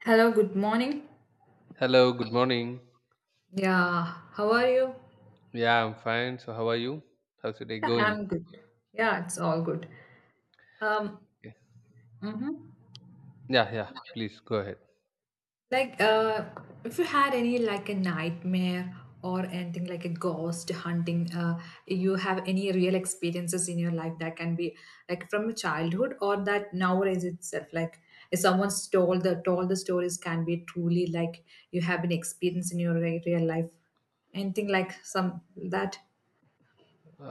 Hello, good morning. Hello, good morning. Yeah, how are you? Yeah, I'm fine. So, how are you? How's your day Yeah, going? I'm good. Yeah, it's all good. Um, Okay. mhm. Yeah, yeah. Please go ahead. Like, if you had any like a nightmare or anything like a ghost hunting, you have any real experiences in your life that can be like from your childhood or that nowadays itself, like if someone's told the stories can be truly like you have an experience in your real life, anything like some that.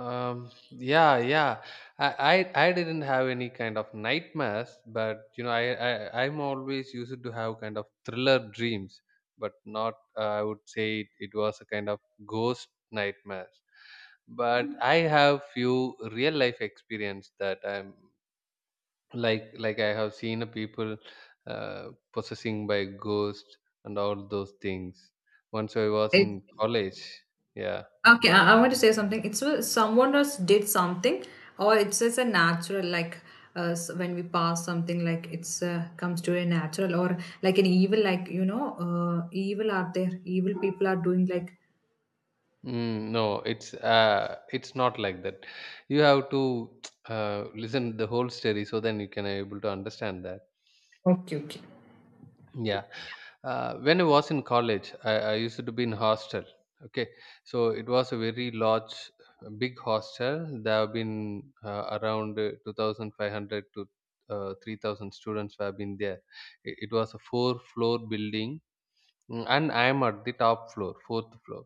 Yeah, yeah. I didn't have any kind of nightmares, but you know, I'm always used to have kind of thriller dreams, but not. I would say it was a kind of ghost nightmares. But I have few real life experience that I'm like I have seen a people possessing by ghost, and all those things. Once I was in college, yeah. Okay, I want to say something. Someone else did something, or it's just a natural like when we pass something like it's comes to a natural, or like an evil like evil out there, evil people are doing like. Mm, no, it's it's not like that. You have to listen the whole story, so then you can able to understand that. Okay, okay. Yeah. When I was in college, I used to be in hostel. Okay, so it was a very large, big hostel. There have been around 2,500 to 3,000 students who have been there. It was a four-floor building, mm, and I am at the top floor, fourth floor,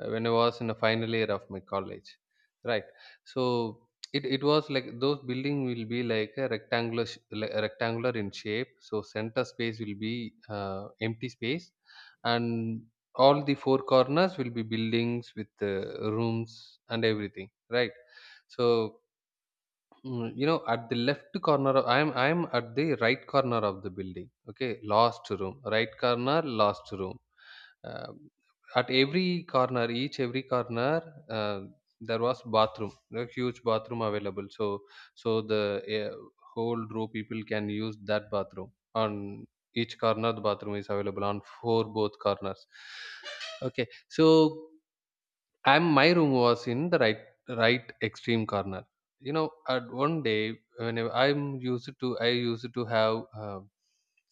when I was in the final year of my college, right? So it was like those building will be like a rectangular like a rectangular in shape. So center space will be empty space, and all the four corners will be buildings with rooms and everything, right? So mm, you know, at the left corner of, i am at the right corner of the building. Okay, last room, right corner, last room. Um at every corner, each every corner, uh, there was bathroom, a huge bathroom available. So so the uh, whole row people can use that bathroom. On each corner the bathroom is available, on four both corners, okay. So I'm my room was in the right extreme corner. You know, at one day, when I'm used to I used to have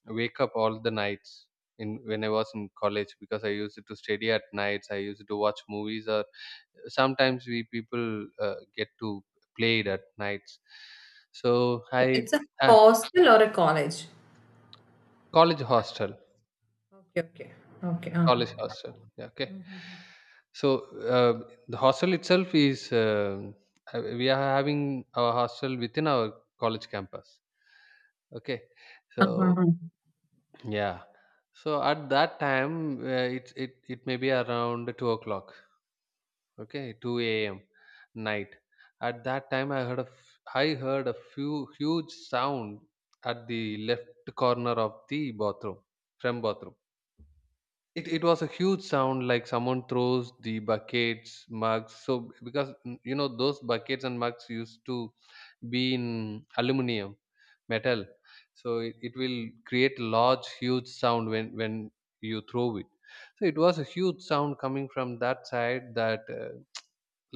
wake up all the nights in when I was in college, because I used to study at nights. I used to watch movies, or sometimes we people get to played at nights. So I It's a uh, hostel or a college. college hostel. Okay, okay, okay. College hostel. Yeah, okay. So the hostel itself is we are having our hostel within our college campus. Okay, so Uh-huh. yeah, so at that time it may be around 2 o'clock. Okay, two a.m. night. At that time, I heard I heard a few huge sound at the left corner of the bathroom, from bathroom. It was a huge sound like someone throws the buckets mugs, so because mm, you know, those buckets and mugs used to be in aluminum metal. So it will create large huge sound when you throw it. So it was a huge sound coming from that side, that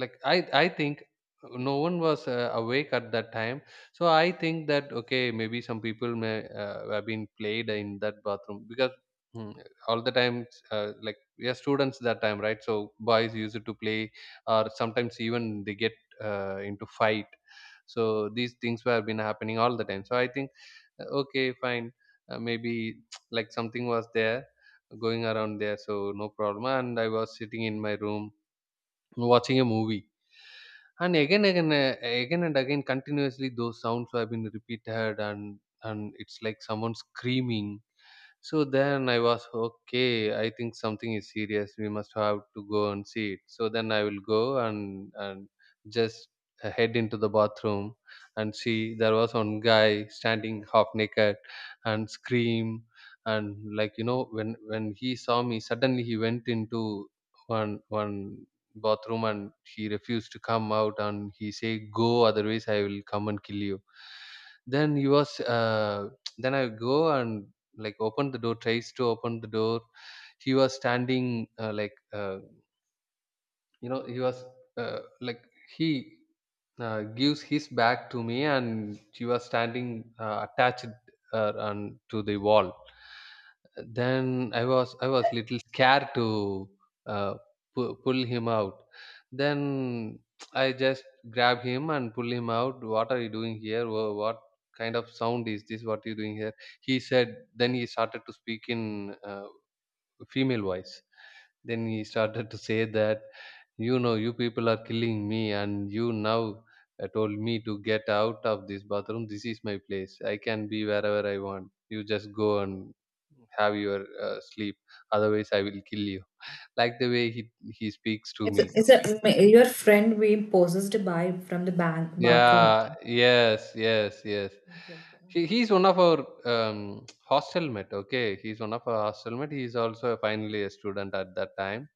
like i think no one was awake at that time. So I think that okay, maybe some people may have been played in that bathroom, because hmm, all the time, like we are students that time, right? So boys used to play, or sometimes even they get into fight. So these things were been happening all the time. So I think okay, fine, maybe like something was there going around there, so no problem. And I was sitting in my room watching a movie. And again and again, continuously, those sounds have been repeated, and it's like someone screaming. So then I was okay. I think something is serious. We must have to go and see it. So then I will go and just head into the bathroom, and see there was one guy standing half naked and scream. And like, you know, when he saw me, suddenly he went into one bathroom, and he refused to come out, and he say, go, otherwise I will come and kill you. Then he was Then I go and like open the door, tries to open the door. He was standing like you know, he was like he gives his back to me, and she was standing attached on to the wall. Then i was little scared to uh, pull him out. Then I just grab him and pull him out. What are you doing here? What kind of sound is this? What are you doing here? He said, then he started to speak in female voice. Then he started to say that, you know, you people are killing me, and you now told me to get out of this bathroom. This is my place. I can be wherever I want. You just go and have your sleep. Otherwise, I will kill you. Like the way he speaks to me. Your friend being possessed by from the bathroom. Yeah. Yes. Yes. Yes. Okay, okay, He, uh-huh. he's one of our hostel mate. Okay, he's one of our hostel mate. He's also finally a student at that time.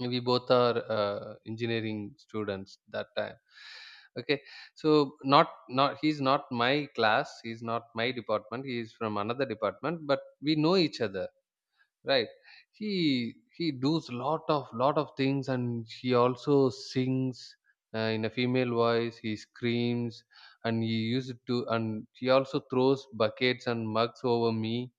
We both are engineering students that time, okay. So not he's not my class, he's not my department, he is from another department, but we know each other, right? He does lot of things, and he also sings in a female voice, he screams. And he used to, and he also throws buckets and mugs over me.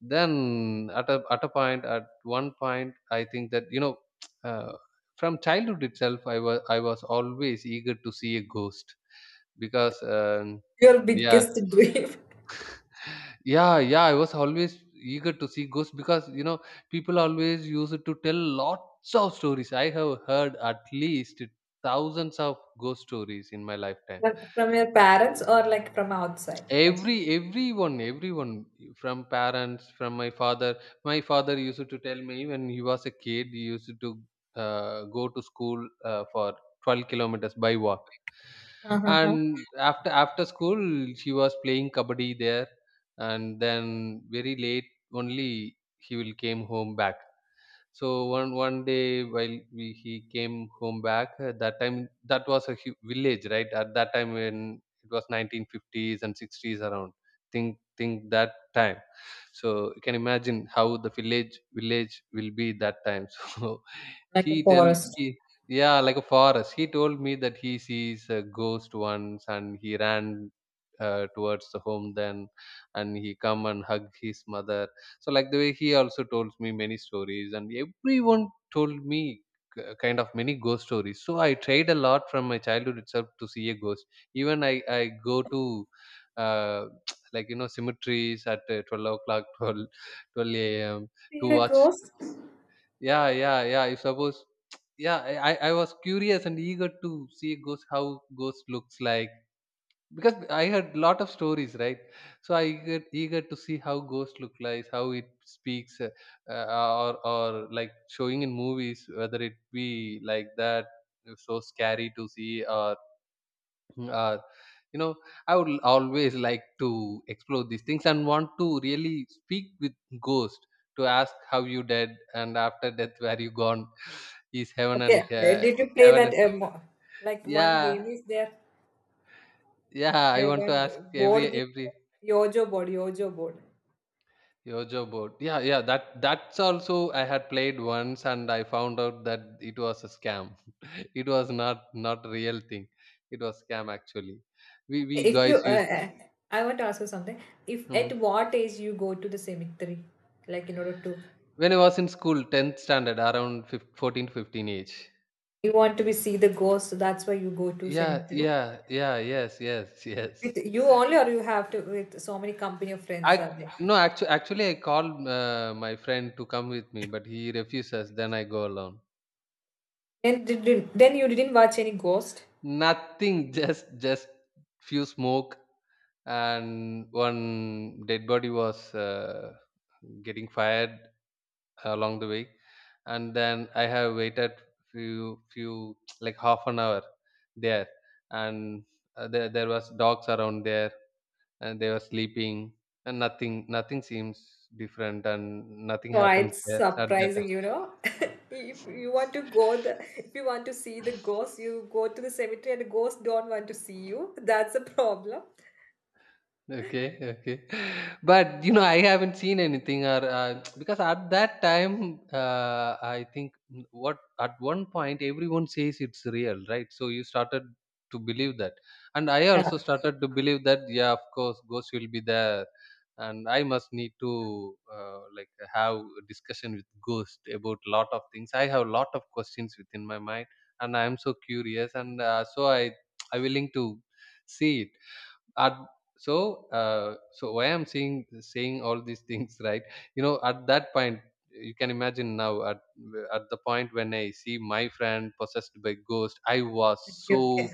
Then at a point, at one point, I think that, you know, uh, from childhood itself, I was always eager to see a ghost, because Your yeah, biggest dream. yeah, I was always eager to see ghosts, because, you know, people always use it to tell lots of stories. I have heard at least thousands of ghost stories in my lifetime. Like from your parents or like from outside? Everyone from parents, from my father. My father used to tell me, when he was a kid, he used to go to school for 12 kilometers by walk. uh And after school, he was playing kabaddi there, and then very late only he will came home back. So one day while we, he came home back, that time that was a village, right? At that time when it was 1950s and 60s around. Think that time. So you can imagine how the village will be that time. So like a he tell forest. he yeah, like a forest. He told me that he sees a ghost once, and he ran towards the home, then, and he come and hug his mother. So like the way, he also told me many stories, and everyone told me kind of many ghost stories. So I tried a lot from my childhood itself to see a ghost. Even I go to uh, like, you know, cemeteries at 12 o'clock, twelve a.m, to See a watch. ghost? Yeah, yeah, yeah. If suppose, yeah, I was curious and eager to see ghost, how ghost looks like, because I heard lot of stories, right? So I get eager to see how ghost look like, how it speaks, uh, or like showing in movies whether it be like that, so scary to see, or mm, you know, I would always like to explore these things, and want to really speak with ghost, to ask how you dead, and after death where you gone. Is heaven Okay. Did you play heaven that? Like one game yeah, is there, yeah, I want to one ask every board game, every Yojo board. yojo board, yeah, yeah. That that's also I had played once, and I found out that it was a scam. It was not real thing. It was scam, actually. We Okay, if you, guys used I want to ask you something. If hmm. at what age you go to the cemetery, like in order to, When I was in school, 10th standard, around fif 14 to 15 age. you want to be see the ghost, so that's why you go to Yeah, cemetery. yeah, yeah, yes, yes, yes. With you only, or you have to with so many company of friends are I there. no, actually, I called my friend to come with me, but he refuses. Then I go alone. Then you didn't watch any ghost. Nothing, just few smoke, and one dead body was getting fired along the way. And then I have waited few like half an hour there. And there was dogs around there, and they were sleeping, and nothing seems different, and nothing happens Quite there at that surprising, time. you know. If you want to see the ghost, you go to the cemetery and the ghost don't want to see you. That's a problem. Okay, okay. But, you know, I haven't seen anything, or because at that time, I think mm, what, at one point everyone says it's real, right? So you started to believe that. And I Yeah. also started to believe that, yeah, of course, ghosts will be there. And I must need to like have a discussion with ghost about lot of things. I have lot of questions within my mind, and I am so curious. And I willing to see it at. So so why I'm saying all these things, right? You know, at that point you can imagine now at the point when I see my friend possessed by ghost, I was Okay, so. okay.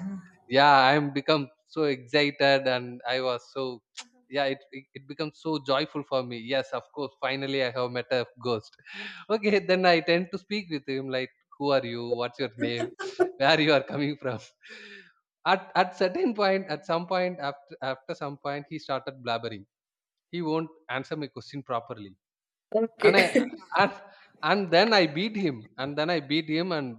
Yeah, I'm become so excited and I was so. yeah, it becomes so joyful for me. Yes, of course, finally I have met a ghost. okay, then I tend to speak with him like, who are you, what's your name, where you are coming from? At some point, after some point, he started blabbering. He won't answer my question properly. And Okay. And, then I beat him and then I beat him and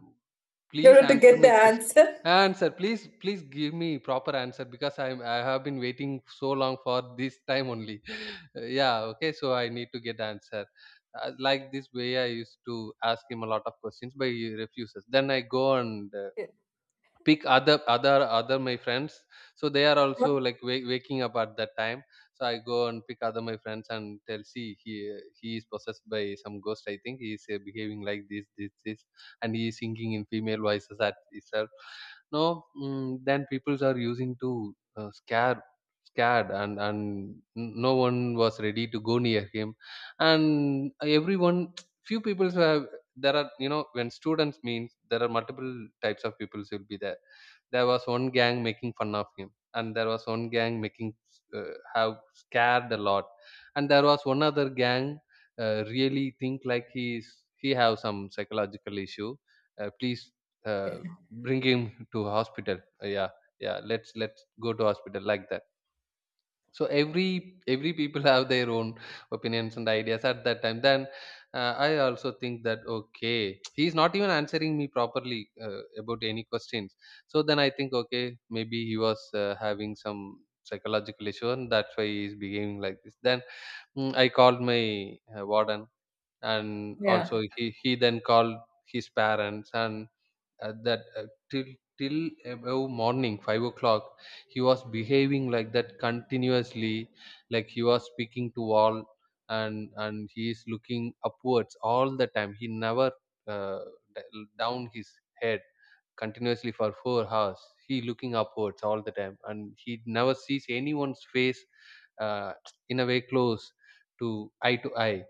In please order to answer get the my question. answer. Answer, please, please give me proper answer, because I have been waiting so long for this time only. yeah, okay, so I need to get answer. Like this way I used to ask him a lot of questions, but he refuses. Then I go and Yeah. pick other my friends. So they are also like waking up at that time. So I go and pick other my friends and tell, see, he is possessed by some ghost. I think he is behaving like this, and he is singing in female voices at itself. No, then peoples are using to scare, scared, and no one was ready to go near him. And everyone, few people have, there are, you know, when students means, there are multiple types of people will be there. There was one gang making fun of him, and there was one gang making have scared a lot. And there was one other gang really think like he is, he have some psychological issue. Please uh, Okay. Bring him to hospital. Yeah, yeah, let's go to hospital like that. So every people have their own opinions and ideas at that time. Then I also think that okay, he's not even answering me properly about any questions. So then I think okay, maybe he was having some psychological issue, and that's why he's behaving like this. Then, I called my warden, and Yeah. also he then called his parents. And that till till about morning 5 o'clock he was behaving like that continuously. Like he was speaking to all, and he is looking upwards all the time. He never uh, down his head continuously for 4 hours. He looking upwards all the time and he never sees anyone's face uh, in a way close to eye to eye.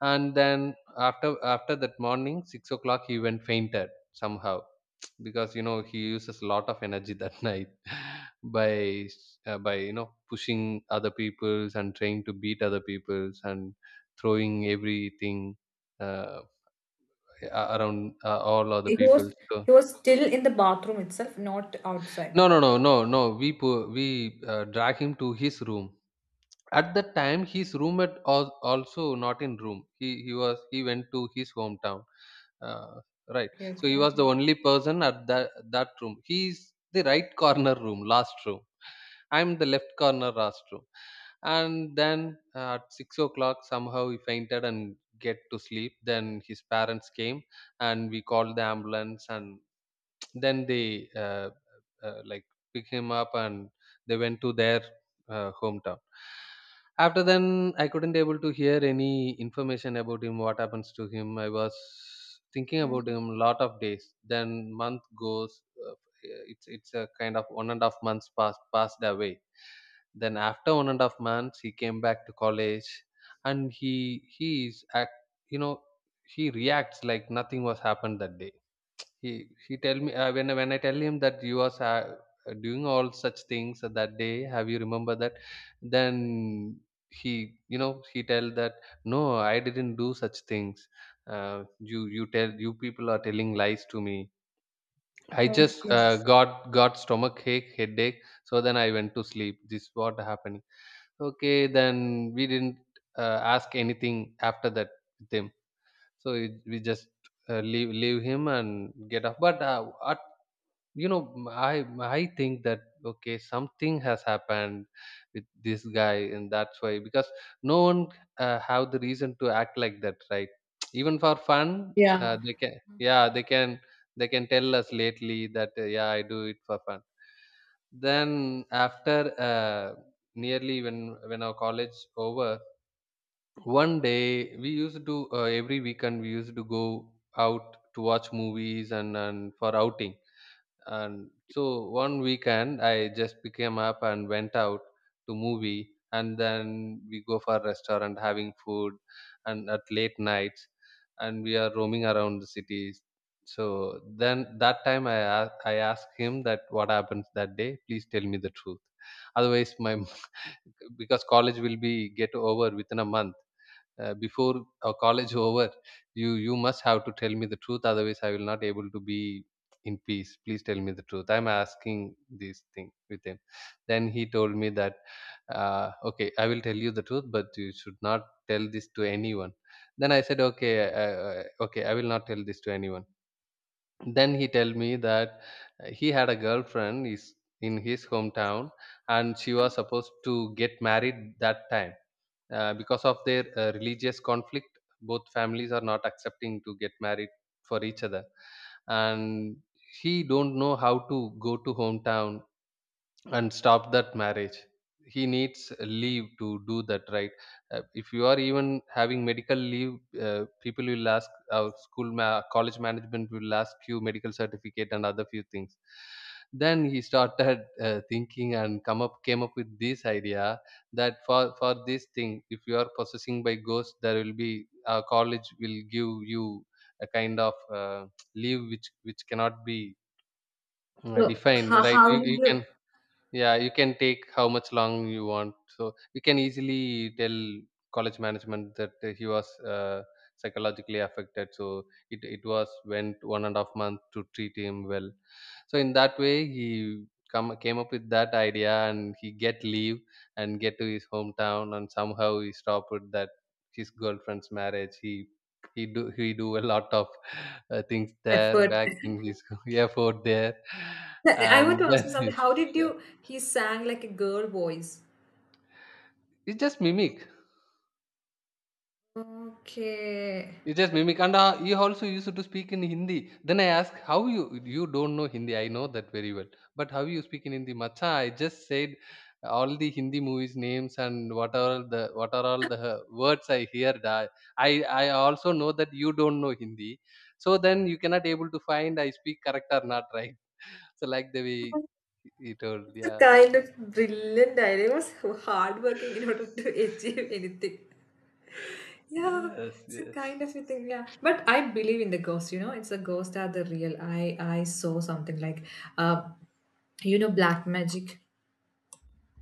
And then after that morning 6 o'clock he went fainted somehow, because you know he uses a lot of energy that night by by you know pushing other people's and trying to beat other people's and throwing everything uh, around all other He people. was So he was still in the bathroom itself, not outside no of no it. no no no we drag him to his room. At that time his roommate was also not in room. He went to his hometown. Uh, right. Okay, So okay, he was the uh-huh. only person at that room. He's the right corner room, last room. I'm the left corner last room. And then at 6 o'clock, somehow he fainted and get to sleep. Then his parents came and we called the ambulance, and then they like pick him up and they went to their hometown. After then, I couldn't able to hear any information about him, what happens to him. I was thinking about him lot of days. Then month goes, uh, it's a kind of 1.5 months passed away. Then after 1.5 months he came back to college, and he is act you know he reacts like nothing was happened that day. He tell me, when I tell him that you was doing all such things that day, have you remember that? Then he you know he tell that no, I didn't do such things. You, you tell, you people are telling lies to me. I just Okay. got stomach ache, headache. So then I went to sleep. This what happened. Okay, then we didn't ask anything after that with him. So we just leave him and get off. But at you know, I think that okay, something has happened with this guy, and that's why, because no one have the reason to act like that, right? even for fun Yeah. they can, yeah they can, they can tell us lately that yeah, I do it for fun. Then after, uh, nearly when our college over, one day, we used to every weekend we used to go out to watch movies and for outing. And so one weekend I just became up and went out to movie, and then we go for restaurant having food and at late nights and we are roaming around the cities. So then that time I asked I asked him that what happens that day, please tell me the truth. Otherwise my, because college will be get over within a month. Before college over, you must have to tell me the truth, otherwise I will not able to be in peace. Please tell me the truth, I'm asking this thing with him. Then he told me that, okay, I will tell you the truth, but you should not tell this to anyone. Then I said okay, okay, I will not tell this to anyone. Then he tell me that he had a girlfriend is in his hometown, and she was supposed to get married that time. Because of their religious conflict, both families are not accepting to get married for each other. And he don't know how to go to hometown and stop that marriage. He needs leave to do that, right? If you are even having medical leave, people will ask, our college management will ask you medical certificate and other few things. Then he started thinking and come up came up with this idea that for this thing, if you are possessing by ghost, there will be, college will give you a kind of leave which cannot be So defined, how, right? you, how did you you can, yeah, you can take how much long you want. So we can easily tell college management that he was psychologically affected. So it was went 1.5 month to treat him well. So in that way, he come came up with that idea and he get leave and get to his hometown, and somehow he stopped with that his girlfriend's marriage. He he do a lot of things there effort? back in his airport there, I want and to then. ask you yeah. something. How did you he sang like a girl voice? It's just mimic. Okay. It's just mimic. And he also used to speak in Hindi. Then I asked, how you, you don't know Hindi. I know that very well. But how you speak in Hindi? Macha, I just said all the Hindi movies names and what are all the, what are all the words I hear. That I also know that you don't know Hindi. So then you cannot able to find I speak correct or not, right? So like the way he told. It's a Yeah. kind of brilliant idea. It was hardworking in order to achieve anything. Yeah, Yes. it's a Yes. kind of a thing. Yeah, but I believe in the ghost. You know, it's a ghost are the real. I saw something like, uh, black magic.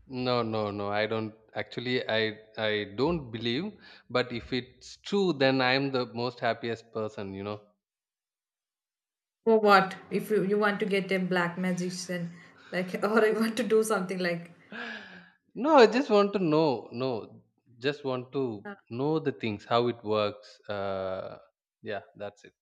No, no, no. I don't actually, I don't believe, but if it's true then I am the most happiest person, you know. For what? If you want to get a black magician, like, or you want to do something like. No, I just want to know. No, just want to uh, know the things, how it works. Yeah, that's it.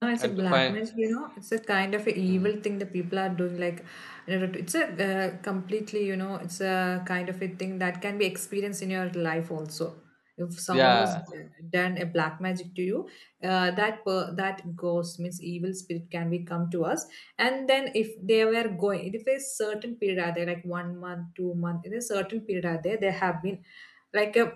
No, it's a And to black find, magic, it's a kind of a mm, evil thing that people are doing. Like, it's a completely, it's a kind of a thing that can be experienced in your life also. If someone was yeah. done a black magic to you, that ghost means evil spirit can be come to us. And then if they were going, if a certain period are there, like one month, 2 month, in a certain period are there, there have been like a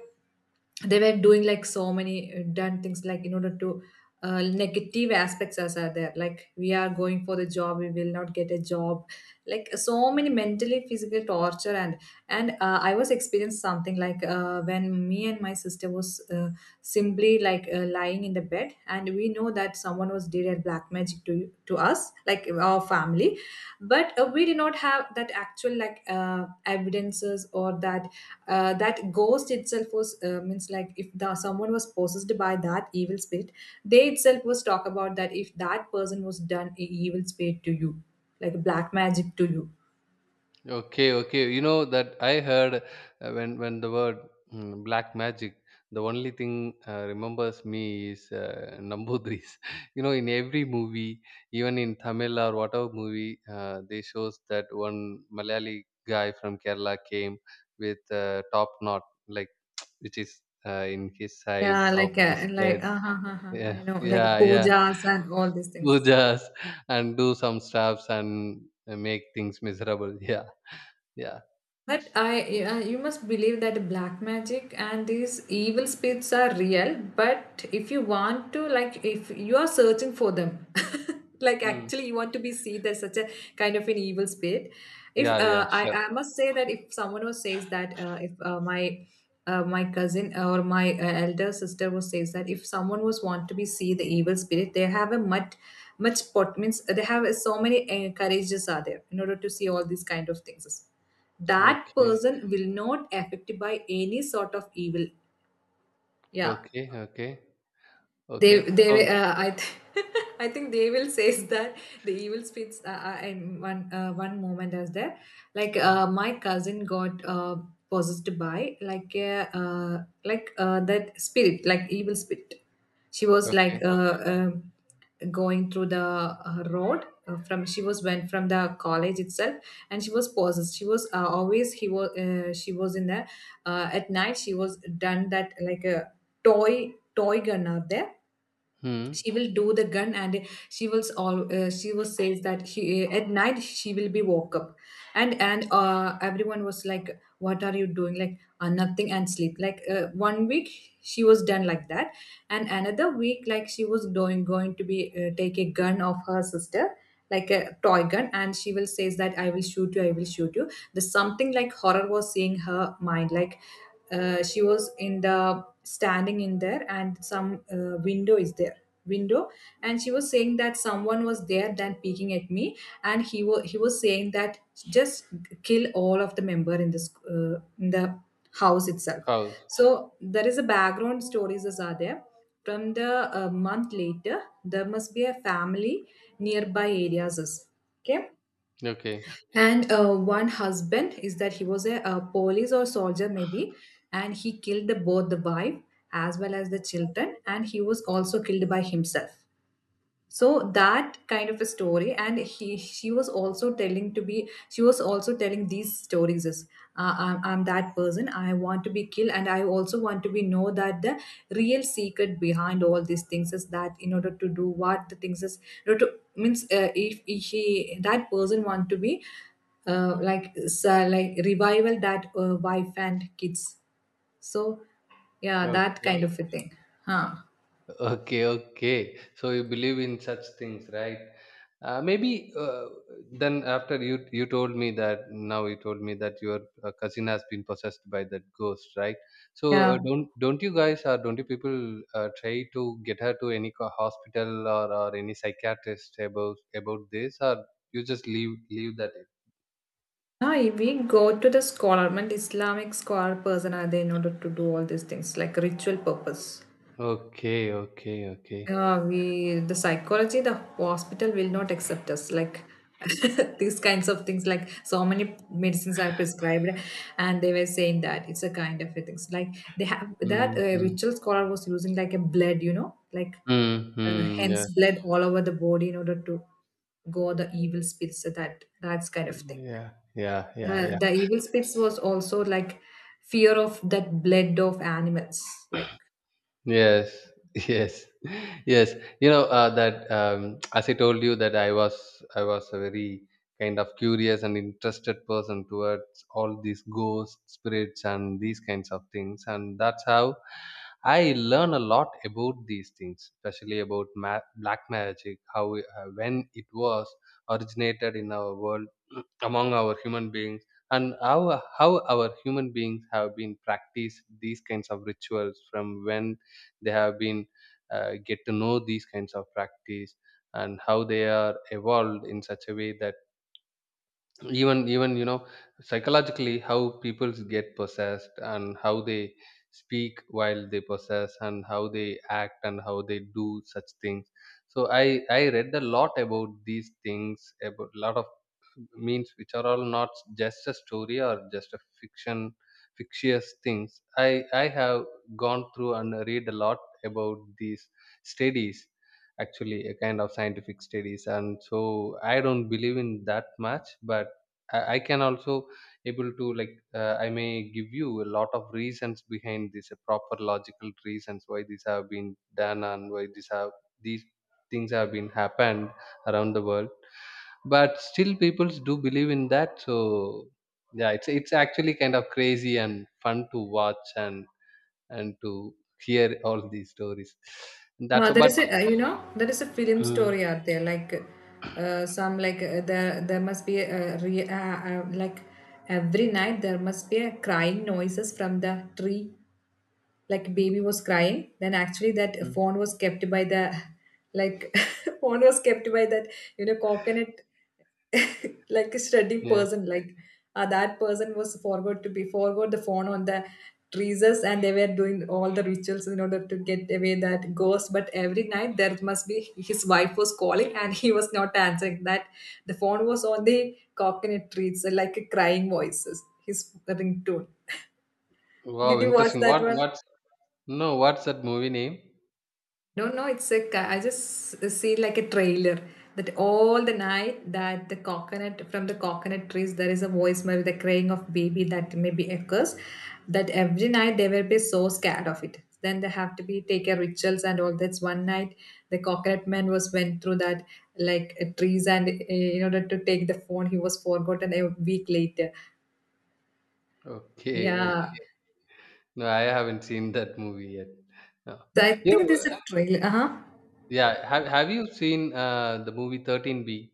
they were doing like so many done things like in order to negative aspects as are there, like we are going for the job we will not get a job, like so many mentally physical torture, and I was experienced something like when me and my sister was simply like lying in the bed, and we know that someone was did a black magic to us like our family, but we did not have that actual like evidences, or that that ghost itself was means like if the, someone was possessed by that evil spirit, they itself was talk about that if that person was done a evil spirit to you, like black magic to you. Okay, okay. You know that I heard when the word, black magic, the only thing remembers me is Nambudris. You know, in every movie, even in Tamil or whatever movie, they shows that one Malayali guy from Kerala came with a top knot, like, which is in his side Yeah, of his head. I Yeah, know, like yeah, yeah. pujas and all these things. Pujas and do some stuffs and make things miserable. Yeah, yeah. But you must believe that black magic and these evil spirits are real. But if you want to, like, if you are searching for them, like actually you want to be seen as such a kind of an evil spirit. If Yeah, yeah, I, sure. I must say that if someone who says that, if my cousin or my elder sister who says that if someone was want to be see the evil spirit, they have a much much pot, means they have so many courages are there in order to see all these kind of things, that Okay, person will not affected by any sort of evil. Yeah, okay, okay, they okay. Oh, they uh, i th- I think they will says that the evil spirits and one moment as there, like mm, my cousin got possessed by like a like that spirit, like evil spirit. She was okay. like uh, going through the road, from she was went from the college itself, and she was possessed. She was always, he was she was in the at night she was done that like a toy gun out there. Hmm. She will do the gun, and she will all she was says that she at night she will be woke up, and everyone was like, what are you doing? Like nothing, and sleep, like one week she was done like that. And another week like she was going to be take a gun of her sister, like a toy gun, and she will says that I will shoot you, I will shoot you. There's something like horror was seeing her mind, like she was in the standing in there, and some window is there, window. And she was saying that someone was there then peeking at me, and he was saying that just kill all of the member in this in the house itself. House. So there is a background stories as are there from the month later, there must be a family nearby areas is. Okay. Okay, And one husband is that, he was a police or soldier, maybe, and he killed both the wife as well as the children, and he was also killed by himself. So that kind of a story, and he, she was also telling to be she was also telling these stories as, I'm that person, I want to be killed, and I also want to be know that the real secret behind all these things is that in order to do what the things is, in order to means, if she, that person want to be like revival that wife and kids. So yeah, that kind okay, of a thing. Huh. okay, okay. So you believe in such things, right? Maybe, then after you you told me that, now you told me that your cousin has been possessed by that ghost, right? So uh, Yeah. don't don't you guys, or don't you people try to get her to any hospital, or any psychiatrist about this, or you just leave that. Now, if we go to the scholar, I mean, Islamic scholar person are there in order to do all these things like ritual purpose. Okay, okay, okay. We the psychology, the hospital will not accept us. Like these kinds of things, like so many medicines are prescribed, and they were saying that it's a kind of a things. Like they have that Mhm. ritual scholar was using like a blood, like uh, Mhm. Yeah. hence blood all over the body in order to go the evil spirits. So that that's kind of thing. Yeah, yeah, yeah, yeah. The evil spirits was also like fear of that blood of animals. Like Yes, yes, yes. You know that as I told you that I was a very kind of curious and interested person towards all these ghosts, spirits, and these kinds of things, and that's how I learn a lot about these things, especially about black magic, when it was originated in our world among our human beings, and how our human beings have been practiced these kinds of rituals from when they have been get to know these kinds of practice and how they are evolved in such a way that even psychologically how people get possessed and how they speak while they possess and how they act and how they do such things. So I read a lot about these things, about a lot of means which are all not just a story or just a fiction fictitious things. I have gone through and read a lot about these studies, actually a kind of scientific studies, and so I don't believe in that much. But I can also able to like, I may give you a lot of reasons behind this, a proper logical reasons why these have been done and why these things have been happened around the world. But still, people do believe in that. So yeah, it's actually kind of crazy and fun to watch, and to hear all these stories. And that's there about. is a, there is a film Mm, story out there, like some like there must be a, like every night there must be a crying noises from the tree, like baby was crying. Then actually that mm, phone was kept by the, like phone was kept by that, coconut, like a studying yeah. person, like that person was forgot to be forgot the phone on the trees. And they were doing all the rituals in order to get away that ghost, but every night there must be his wife was calling and he was not answering, that the phone was on the coconut trees like a crying voices, his ringtone. Wow, Did you watch interesting. that What one? what's no? What's that movie name? No, no, it's a, ca- I just see like a trailer that all the night that the coconut, from the coconut trees there is a voicemail with the crying of baby that maybe occurs. That every night they will be so scared of it. Then they have to be take a rituals and all. That's one night the coconut man was went through that, like trees, and in order to take the phone he was forgotten, a week later. Okay, Yeah, okay. No, I haven't seen that movie yet. No. so I You think know, this is a trailer. Uh huh. yeah, have you seen the movie 13B?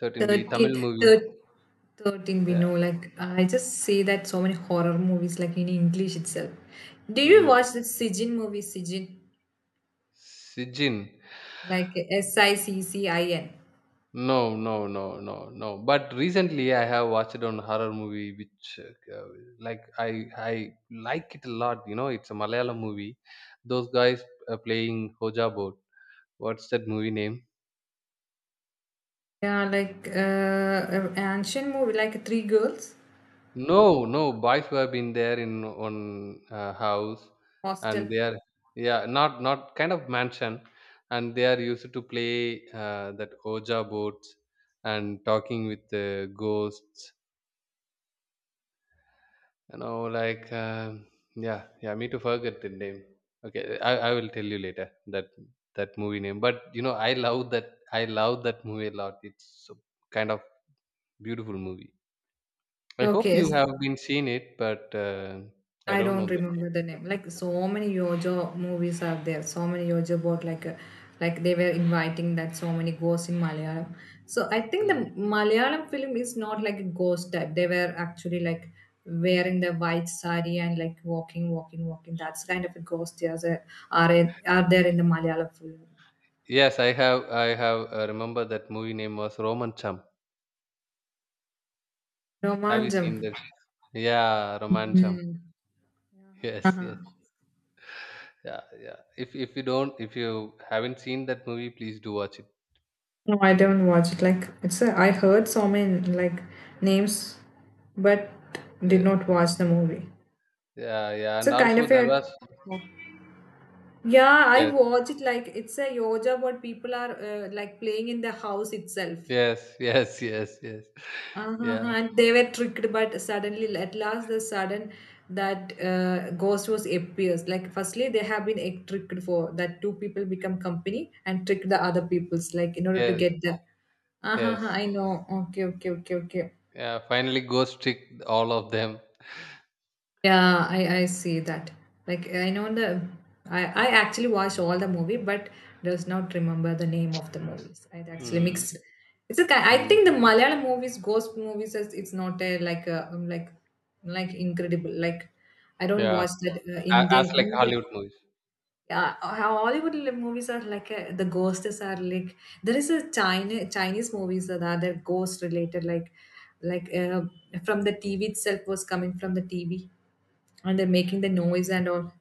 13B 13, Tamil movie. thir- 13 we Yeah. know, like uh, I just see that so many horror movies like in English itself. Do you watch the sijin movie, sijin, Sijin. like Siccin? No, no, no, no, no. But recently I have watched on horror movie which, uh, like I like it a lot, you know, it's a Malayalam movie. Those guys playing Hoja Boat. What's that movie name? Yeah, like an ancient movie, like three girls No, no, boys were been there in one house, hostel. and they are, yeah, not kind of mansion, and they are used to play that Oja boats and talking with the ghosts. You know, like um yeah, yeah. Me to forget the name. Okay, I will tell you later that that movie name. But you know, I love that movie a lot. It's so kind of beautiful movie. I hope Okay, you have been seen it, but I I don't know don't the name. remember the name. Like so many Yojo movies are there. So many Yojo about, like they were inviting that so many ghosts in Malayalam. So I think the Mm. Malayalam film is not like a ghost type. They were actually like wearing the white sari and like walking, walking, walking. That's kind of a ghost, there's a, are are there in the Malayalam film. Yes, I have. I have remember that movie name was Roman Chum. Have you Romanjam. seen that? Yeah, Roman Chum. Hmm. Yes, yes. Uh-huh. Yeah, yeah. If you haven't seen that movie, please do watch it. No, I don't watch it. Like it's a, I heard so many like names, but did Yes, not watch the movie. yeah, yeah. And So kind also of a. there was Yeah. Yeah, I yes, watch it, like it's a yoga what people are like playing in the house itself. yes, yes, yes, yes. Uh-huh, Yeah, and they were tricked, but suddenly at last the sudden, that ghost was appears. Like firstly, they have been tricked for that, two people become company and trick the other people's like in order to yes, get the. yes. Uh-huh, I know. Okay, okay, okay, okay. Yeah. Finally, ghost trick all of them. Yeah, I see that. Like I know the, I actually watched all the movie but does not remember the name of the movies. I actually Mm, mix, it's a I think the mm. Malayalam movies, ghost movies is, it's not a like a, like like incredible. Like I don't Yeah, watch that A- Indian as like Indian. Hollywood movies. Yeah, how Hollywood movies are, like the ghosts are like, there is a China, Chinese movies that are, they're ghost related, like from the TV itself, was coming from the TV, and they're making the noise and all.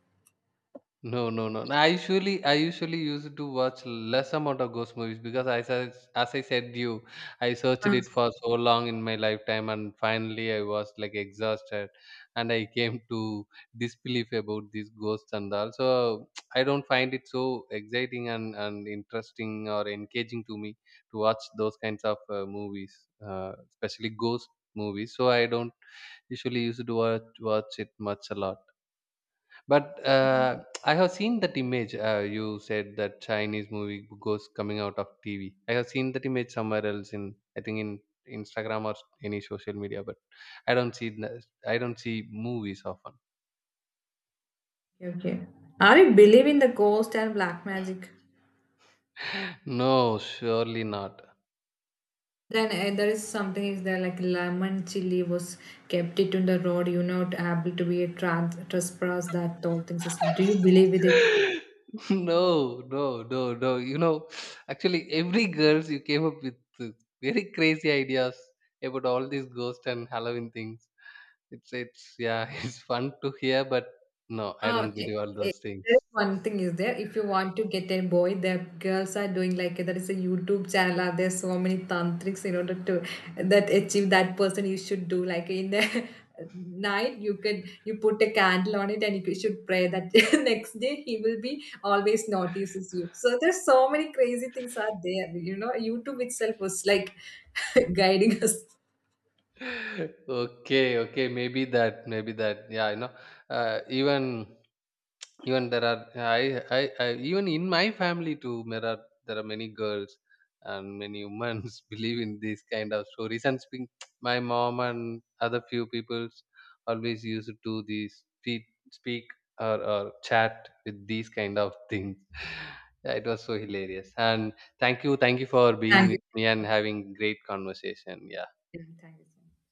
No, no, no. I usually used to watch less amount of ghost movies, because as I said you, I searched it for so long in my lifetime and finally I was like exhausted, and I came to disbelief about these ghosts and all. So I don't find it so exciting and interesting or engaging to me to watch those kinds of movies, especially ghost movies. So I don't usually used to watch, watch it much a lot. But I have seen that image. You said that Chinese movie goes coming out of TV. I have seen that image somewhere else in, I think in Instagram or any social media. But I don't see n- I don't see movies often. Okay, okay. Are you believe in the ghost and black magic? No, surely not. Then there is something is there, like lemon chili was kept it on the road. You not able to be a trans trespass that all things. Is- do you believe with it? No, no, no, no. You know, actually, every girls you came up with very crazy ideas about all these ghost and Halloween things. It's yeah, it's fun to hear, but no, I Oh, don't okay. believe all Eh, those there is things. one thing is there. If you want to get a boy, the girls are doing, like there is a YouTube channel. Are there so many tantrics in order to that achieve that person? You should do like in the night. You can, you put a candle on it and you should pray that, next day he will be always notices you. So there's so many crazy things are there. You know, YouTube itself was like guiding us. Okay, okay, maybe that. Yeah, you know, uh, even even in my family too, there are many girls and many women believe in these kind of stories and speak, my mom and other few people's always used to do these speak, speak or chat with these kind of things. Yeah, it was so hilarious. And thank you for being Thank you. with me and having great conversation. Yeah. Yeah, thank you so much.